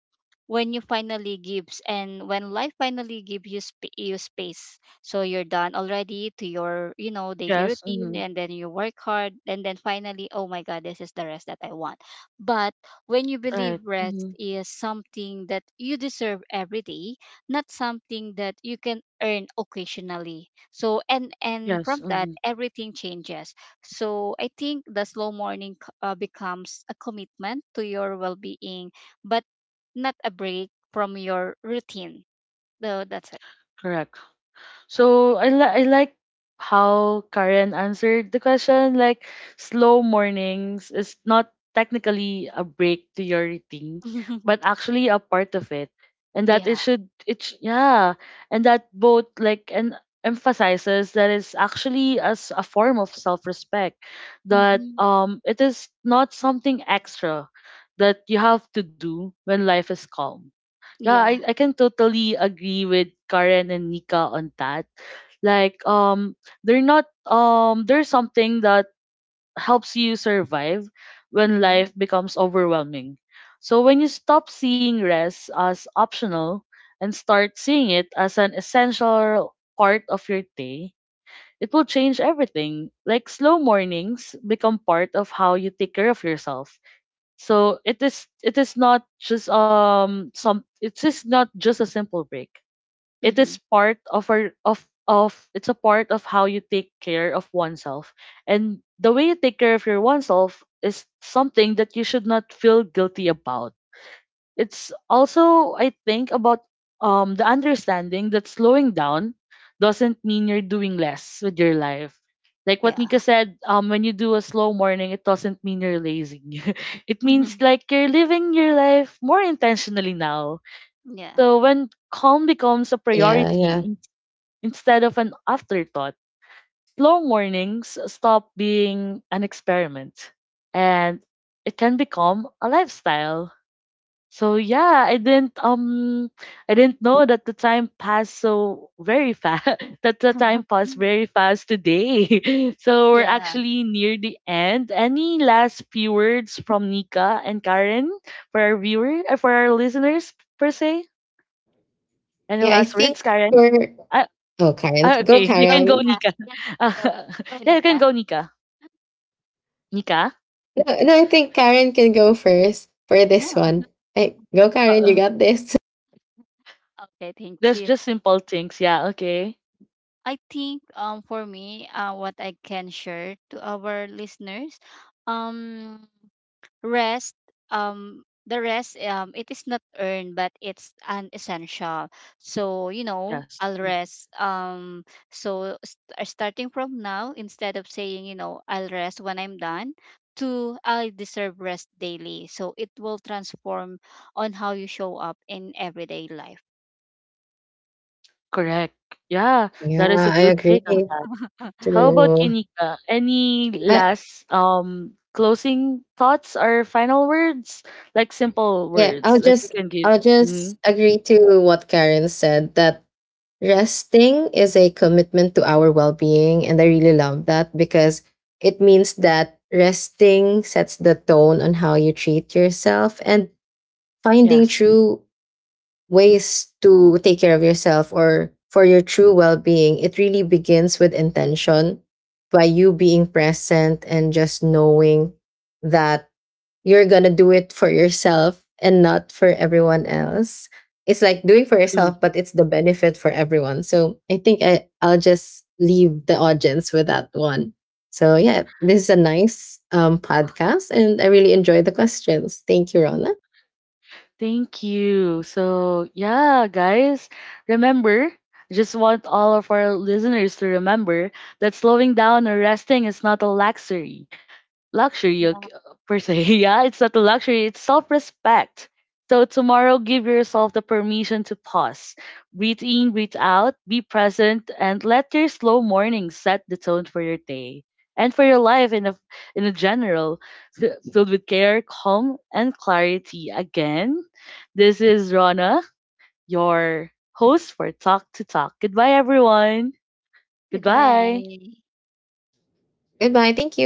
B: when you finally gives and when life finally gives you, you space, so you're done already to your, daily
A: Yes.
B: routine.
A: Mm.
B: And then you work hard, and then finally, oh my god, this is the rest that I want. But when you believe
A: Right.
B: rest is something that you deserve every day, not something that you can earn occasionally, so and from
A: Yes,
B: that,
A: hmm.
B: everything changes. So I think the slow morning, becomes a commitment to your well-being, but not a break from your routine. So that's it.
A: Correct. So I like how Karen answered the question. Like slow mornings is not technically a break to your routine, but actually a part of it, and that it
B: Yeah.
A: should, yeah, and that both, like, and emphasizes that it's actually as a form of self-respect, that
B: Hmm.
A: it is not something extra that you have to do when life is calm. Yeah, I,
B: Yeah.
A: I can totally agree with Karen and Nika on that. Like they're not there's something that helps you survive when
B: Hmm.
A: life becomes overwhelming. So when you stop seeing rest as optional and start seeing it as an essential part of your day, it will change everything. Like slow mornings become part of how you take care of yourself, so it is, it is not just some it is not just a simple break. It
B: Hmm.
A: is part of our of, it's a part of how you take care of oneself. And the way you take care of your oneself is something that you should not feel guilty about. It's also, I think, about the understanding that slowing down doesn't mean you're doing less with your life. Like what Nika
B: Yeah.
A: said, when you do a slow morning, it doesn't mean you're lazy. It means
B: Hmm.
A: like you're living your life more intentionally now.
B: Yeah.
A: So when calm becomes a
C: Yeah, yeah.
A: priority instead of an afterthought, slow mornings stop being an experiment and it can become a lifestyle. So yeah, I didn't know that the time passed so very fast that the time passed very fast today. So we're
B: Yeah.
A: actually near the end. Any last few words from Nika and Karen for our viewer for our listeners per se? Any
C: Yeah, I
A: last
C: think
A: words, Karen?
C: we're.
A: Uh,
C: Oh, Karen. Go,
A: okay, you
B: Go,
A: can go,
C: Karen.
B: Nika.
A: Nika.
B: Yeah.
A: Uh,
B: Yo, go,
A: yeah, you can
B: Nika.
A: go, Nika. Nika.
C: No, no, I think Karen can go first for this
B: No.
C: one. Hey, go,
A: Uh,
C: Karen. You
A: uh,
C: got this.
B: Okay, thank
A: there's
B: you.
A: just simple things. Yeah. Okay.
B: I think, for me, what I can share to our listeners, um rest the rest, it is not earned, but it's an essential. So, you know
A: Yes.
B: I'll rest so, starting from now, instead of saying, I'll rest when I'm done, to, I deserve rest daily, so it will transform on how you show up in everyday life.
A: Correct. Yeah,
C: Yeah,
A: that is a
C: I
A: good take on
C: agree.
A: that. How about you,
C: True.
A: Nika? Any
C: I,
A: last closing thoughts or final words? Like simple
C: Yeah, I'll
A: words, like you
C: just
A: can give.
C: I'll just
A: Mhm.
C: agree to what Karen said that resting is a commitment to our well-being and I really love that because it means that resting sets the tone on how you treat yourself and finding
A: Yes,
C: true ways to take care of yourself or for your true well-being it really begins with intention by you being present and just knowing that you're gonna do it for yourself and not for everyone else. It's like doing for
A: true.
C: yourself, but it's the benefit for everyone. So I think I'll just leave the audience with that one. So yeah, this is a nice podcast, and I really enjoy the questions. Thank you, Rona.
A: Thank you. So, yeah, guys, remember, I just want all of our listeners to remember that slowing down or resting is not a luxury. Luxury ok- per se. Yeah, it's not a luxury, it's self respect. So, tomorrow, give yourself the permission to pause, breathe in, breathe out, be present, and let your slow morning set the tone for your day and for your life in a general, filled with care, calm, and clarity. Again, this is Rana, your host for Talk to Talk. Goodbye, everyone.
B: Goodbye.
A: Goodbye.
C: Goodbye. Thank you.